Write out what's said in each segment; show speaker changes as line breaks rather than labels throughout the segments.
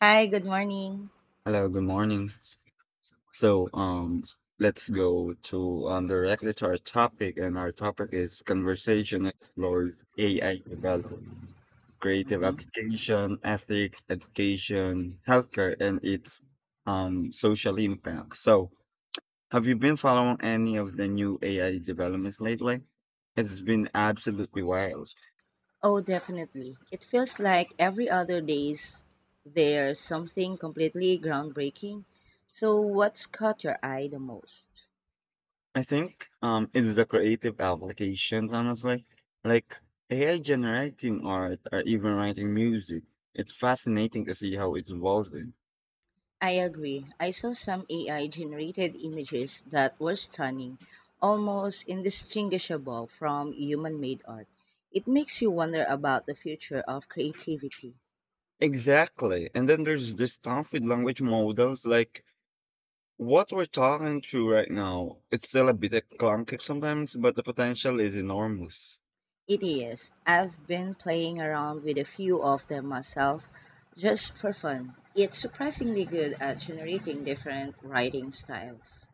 Hi, good morning.
Hello, good morning. So, um, let's go to directly to our topic, and our topic is conversation explores AI develops, creative
Hmm.
application, ethics, education, healthcare, and its social impact. So, have you been following any of the new AI developments lately? It's been absolutely wild.
Oh, definitely. It feels like every other days there's something completely groundbreaking. So, what's caught your eye the most?
I think it's the creative applications, honestly. Like AI generating art or even writing music. It's fascinating to see how it's evolving.
I agree. I saw some AI generated images that were stunning, almost indistinguishable from human made art. It makes you wonder about the future of creativity.
Exactly. And then there's this stuff with language models, like what we're talking through right now. It's still a bit clunky sometimes, but the potential is enormous.
It is. I've been playing around with a few of them myself just for fun. It's surprisingly good at generating different writing styles.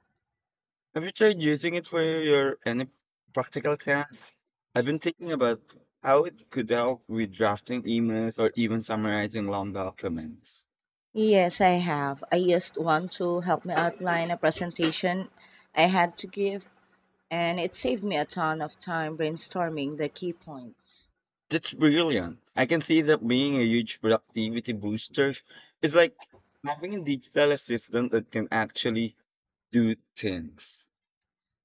Have you tried using it for your any practical tasks? I've been thinking about how it could help with drafting emails or even summarizing long documents.
Yes, I have. I used one to help me outline a presentation I had to give, and it saved me a ton of time brainstorming the key points.
That's brilliant. I can see that being a huge productivity booster. It's like having a digital assistant that can actually do things.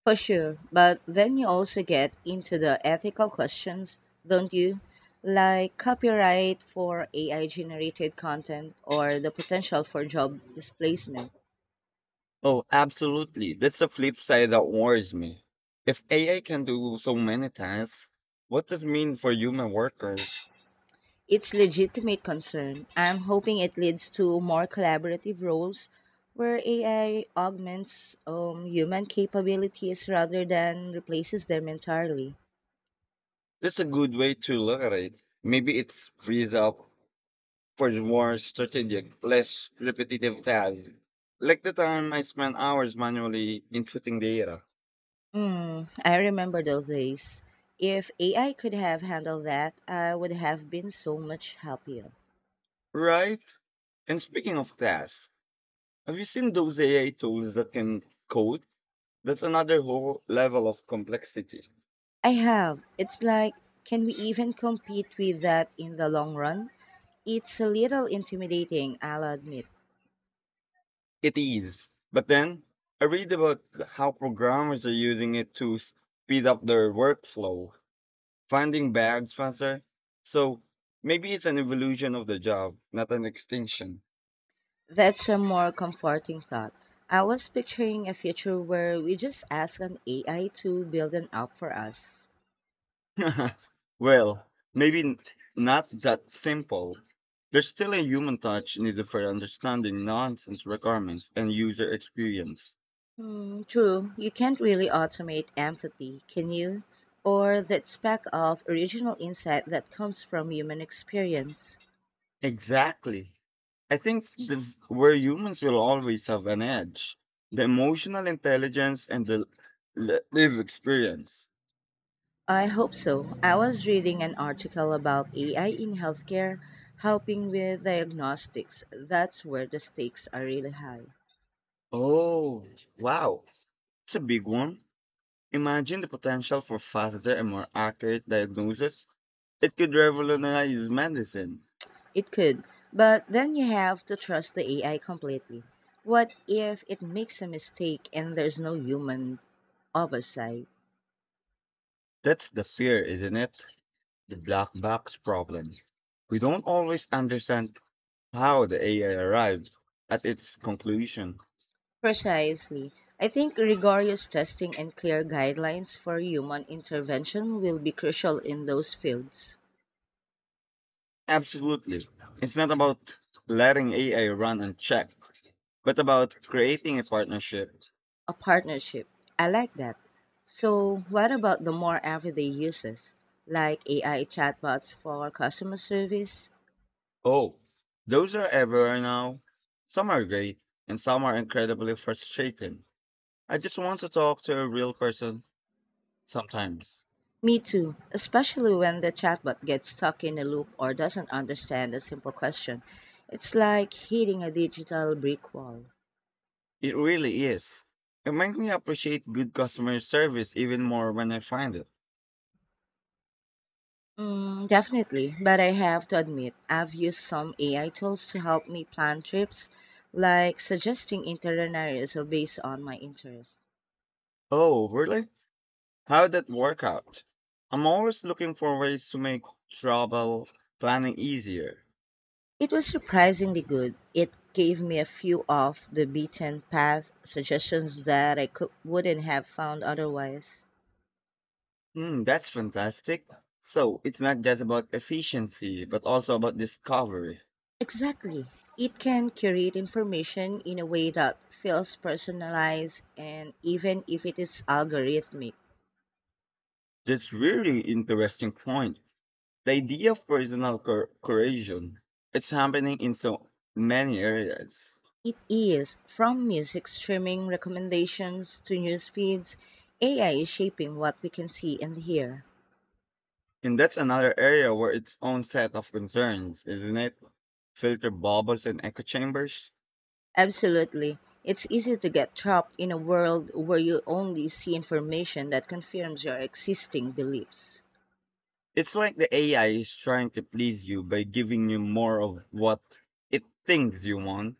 For sure, but then you also get into the ethical questions, don't you? Like copyright for AI generated content or the potential for job displacement.
Oh, absolutely. That's the flip side that worries me. If AI can do so many tasks, what does it mean for human workers?
It's legitimate concern. I'm hoping it leads to more collaborative roles where AI augments human capabilities rather than replaces them entirely.
That's a good way to look at it. Maybe it frees up for the more strategic, less repetitive tasks. Like the time I spent hours manually inputting data.
Hmm, I remember those days. If AI could have handled that, I would have been so much happier.
Right? And speaking of tasks, have you seen those AI tools that can code? That's another whole level of complexity.
I have. It's like, can we even compete with that in the long run? It's a little intimidating, I'll admit.
It is. But then I read about how programmers are using it to speed up their workflow, finding bugs faster. So maybe it's an evolution of the job, not an extinction.
That's a more comforting thought. I was picturing a future where we just ask an AI to build an app for us.
Well, maybe n- not that simple. There's still a human touch needed for understanding nonsense requirements and user experience.
Hmm, true, you can't really automate empathy, can you? Or that speck of original insight that comes from human experience.
Exactly. I think this where humans will always have an edge. The emotional intelligence and the lived experience.
I hope so. I was reading an article about AI in healthcare helping with diagnostics. That's where the stakes are really high.
Oh, wow. It's a big one. Imagine the potential for faster and more accurate diagnosis. It could revolutionize medicine.
It could, but then you have to trust the AI completely. What if it makes a mistake and there's no human oversight?
That's the fear, isn't it? The black box problem. We don't always understand how the AI arrived at its conclusion.
Precisely. I think rigorous testing and clear guidelines for human intervention will be crucial in those fields.
Absolutely. It's not about letting AI run unchecked, but about creating a partnership.
A partnership. I like that. So, what about the more everyday uses, like AI chatbots for customer service?
Oh, those are everywhere now. Some are great, and some are incredibly frustrating. I just want to talk to a real person sometimes.
Me too, especially when the chatbot gets stuck in a loop or doesn't understand a simple question. It's like hitting a digital brick wall.
It really is. It makes me appreciate good customer service even more when I find it.
Mm, definitely, but I have to admit, I've used some AI tools to help me plan trips, like suggesting itinerary so based on my interests.
Oh, really? How'd that work out? I'm always looking for ways to make travel planning easier.
It was surprisingly good. It gave me a few off the beaten path suggestions that wouldn't have found otherwise.
Mm, that's fantastic. So it's not just about efficiency, but also about discovery.
Exactly. It can curate information in a way that feels personalized, and even if it is algorithmic,
That's really interesting point. The idea of curation. It's happening in so many areas.
it is. From music streaming recommendations to news feeds, AI is shaping what we can see and hear.
And that's another area where its own set of concerns, isn't it? Filter bubbles and echo chambers.
Absolutely. It's easy to get trapped in a world where you only see information that confirms your existing beliefs.
It's like the AI is trying to please you by giving you more of what it thinks you want,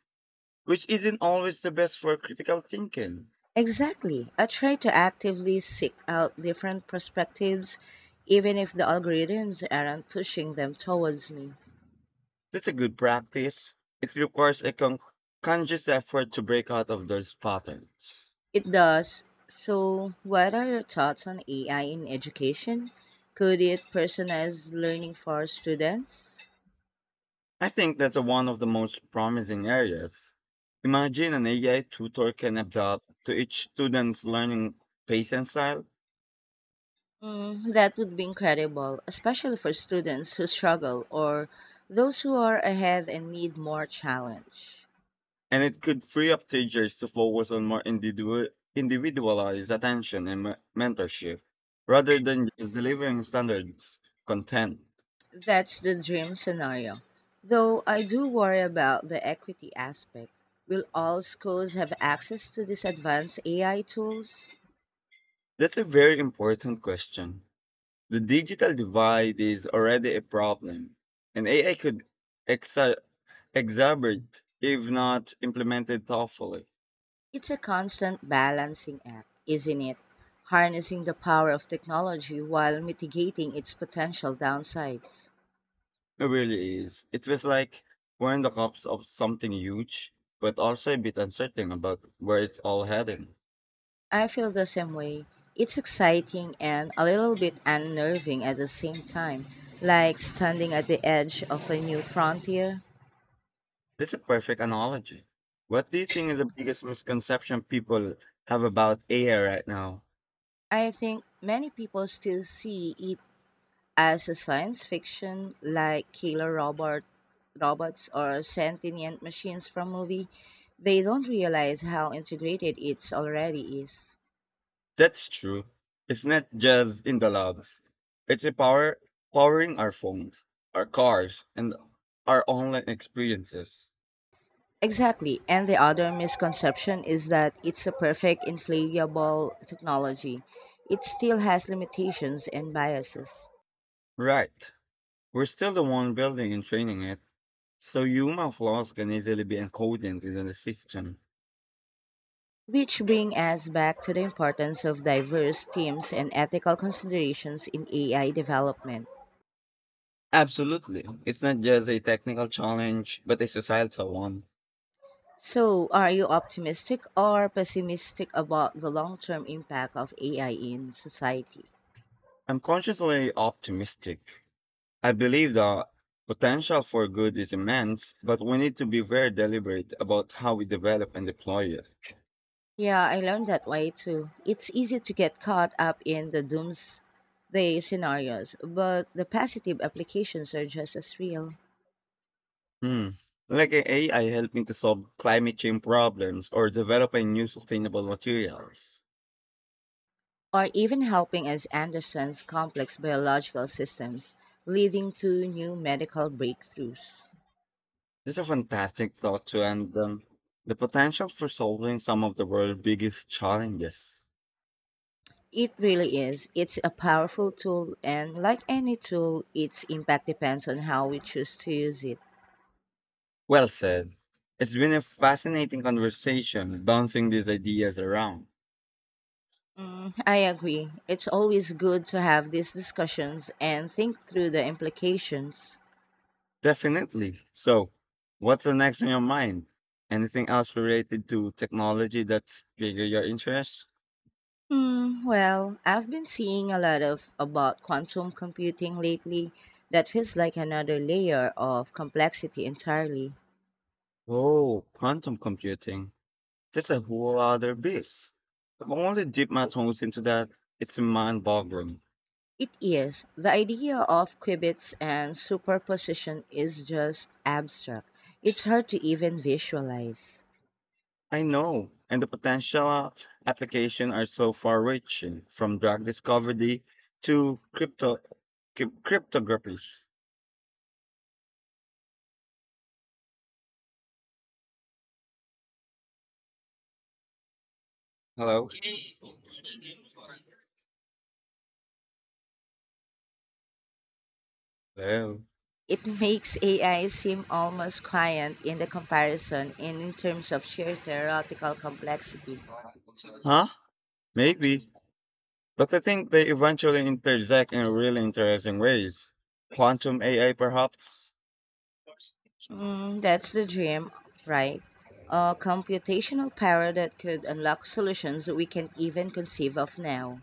which isn't always the best for critical thinking.
Exactly. I try to actively seek out different perspectives, even if the algorithms aren't pushing them towards me.
That's a good practice. It requires conscious effort to break out of those patterns.
It does. So, what are your thoughts on AI in education? Could it personalize learning for students?
I think that's one of the most promising areas. Imagine an AI tutor can adapt to each student's learning pace and style,
Mm, that would be incredible, especially for students who struggle or those who are ahead and need more challenge.
and it could free up teachers to focus on individualized attention and mentorship rather than just delivering standards content.
That's the dream scenario. Though I do worry about the equity aspect. Will all schools have access to these advanced AI tools?
That's a very important question. The digital divide is already a problem, and AI could exa- exacerbate if not implemented thoughtfully.
It's a constant balancing act, isn't it? Harnessing the power of technology while mitigating its potential downsides.
It really is. It was like we're in the cups of something huge, but also a bit uncertain about where it's all heading.
I feel the same way. It's exciting and a little bit unnerving at the same time, like standing at the edge of a new frontier.
That's a perfect analogy. What do you think is the biggest misconception people have about AI right now?
I think many people still see it as a science fiction, like killer robot robots or sentient machines from movie. They don't realize how integrated it already is.
That's true. It's not just in the labs. It's a power powering our phones, our cars, and our online experiences.
Exactly. And the other misconception is that it's a perfect inflatable technology. It still has limitations and biases.
Right. We're still the one building and training it, so human flaws can easily be encoded into the system.
Which bring us back to the importance of diverse teams and ethical considerations in AI development.
Absolutely. It's not just a technical challenge, but a societal one.
So, are you optimistic or pessimistic about the long-term impact of AI in society?
I'm consciously optimistic. I believe the potential for good is immense, but we need to be very deliberate about how we develop and deploy it.
Yeah, I learned that way too. It's easy to get caught up in the doomsday scenarios, but the positive applications are just as real,
Hmm. Like a AI helping to solve climate change problems or developing new sustainable materials.
or even helping us understand complex biological systems, leading to new medical breakthroughs.
These are fantastic thoughts to end, the potential for solving some of the world's biggest challenges.
It really is. It's a powerful tool, and like any tool, its impact depends on how we choose to use it.
Well said. It's been a fascinating conversation bouncing these ideas around.
Mm, I agree. It's always good to have these discussions and think through the implications.
Definitely. So, what's the next on your mind? Anything else related to technology that's bigger your interest?
Hmm, well, I've been seeing a lot of about quantum computing lately that feels like another layer of complexity entirely.
Oh, quantum computing. That's a whole other beast. I've only dipped my toes into that. It's mind-boggling.
It is. The idea of qubits and superposition is just abstract. It's hard to even visualize.
I know, and the potential application are so far-reaching, from drug discovery to cryptography. Hello. Hello.
It makes AI seem almost quiet in the comparison and in terms of sheer theoretical complexity.
Huh? Maybe. But I think they eventually intersect in really interesting ways. Quantum AI, perhaps?
Mm, that's the dream, right? A computational power that could unlock solutions we can't even conceive of now.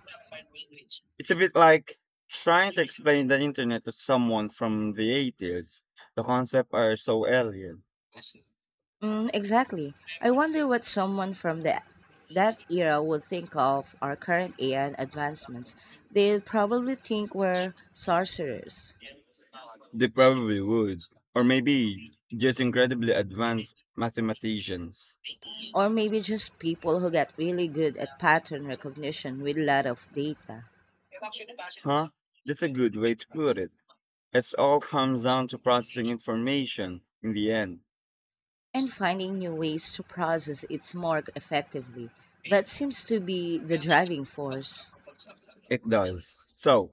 It's a bit like trying to explain the internet to someone from the 80s. The concepts are so alien.
Mm, exactly. I wonder what someone from that era would think of our current AI advancements. They'd probably think we're sorcerers.
They probably would. Or maybe just incredibly advanced mathematicians.
Or maybe just people who got really good at pattern recognition with a lot of data
Huh? That's a good way to put it. It all comes down to processing information in the end.
and finding new ways to process it more effectively. That seems to be the driving force.
It does. So,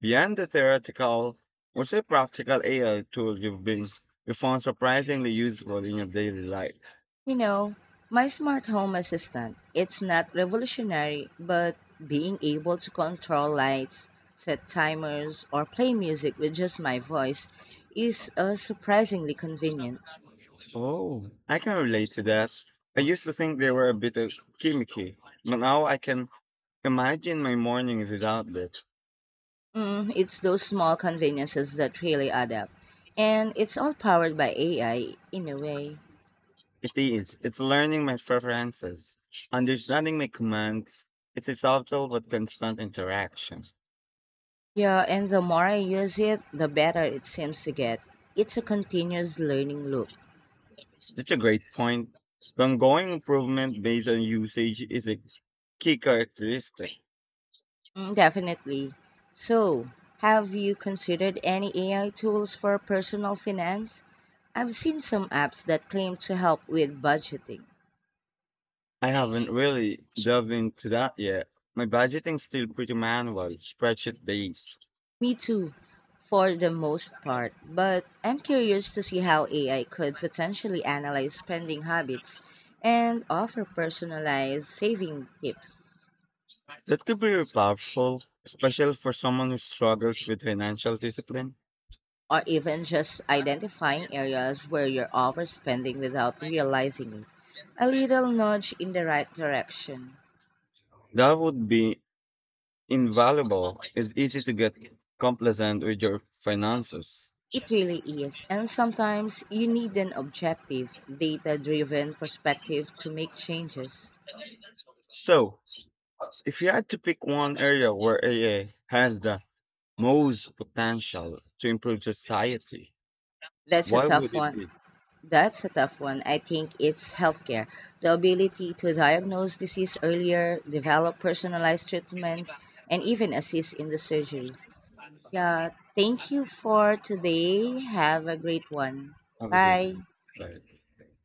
beyond the theoretical, what's a practical AI tool you found surprisingly useful in your daily life?
You know, my smart home assistant, it's not revolutionary, but being able to control lights, set timers, or play music with just my voice is surprisingly convenient.
Oh, I can relate to that. I used to think they were a bit of gimmicky, but now I can imagine my mornings without that.
Mm, it's those small conveniences that really add up. And it's all powered by AI in a way.
It is. It's learning my preferences, understanding my commands. It's a subtle but constant interaction.
Yeah, and the more I use it, the better it seems to get. It's a continuous learning loop.
That's a great point. The ongoing improvement based on usage is a key characteristic.
Mm, definitely. So, have you considered any AI tools for personal finance? I've seen some apps that claim to help with budgeting.
I haven't really delved into that yet. My budgeting's still pretty manual, spreadsheet based.
Me too, for the most part, but I'm curious to see how AI could potentially analyze spending habits and offer personalized saving tips,
That could be powerful, especially for someone who struggles with financial discipline.
or even just identifying areas where you're overspending without realizing it. A little nudge in the right direction.
That would be invaluable. It's easy to get complacent with your finances.
It really is. And sometimes you need an objective, data driven perspective to make changes.
So, if you had to pick one area where AA has the most potential to improve society,
That's a
why would
tough
it
one.
be?
That's a tough one. I think it's healthcare. The ability to diagnose disease earlier, develop personalized treatment, and even assist in the surgery. Yeah, thank you for today. Have a great one.
How?
Bye.
Right.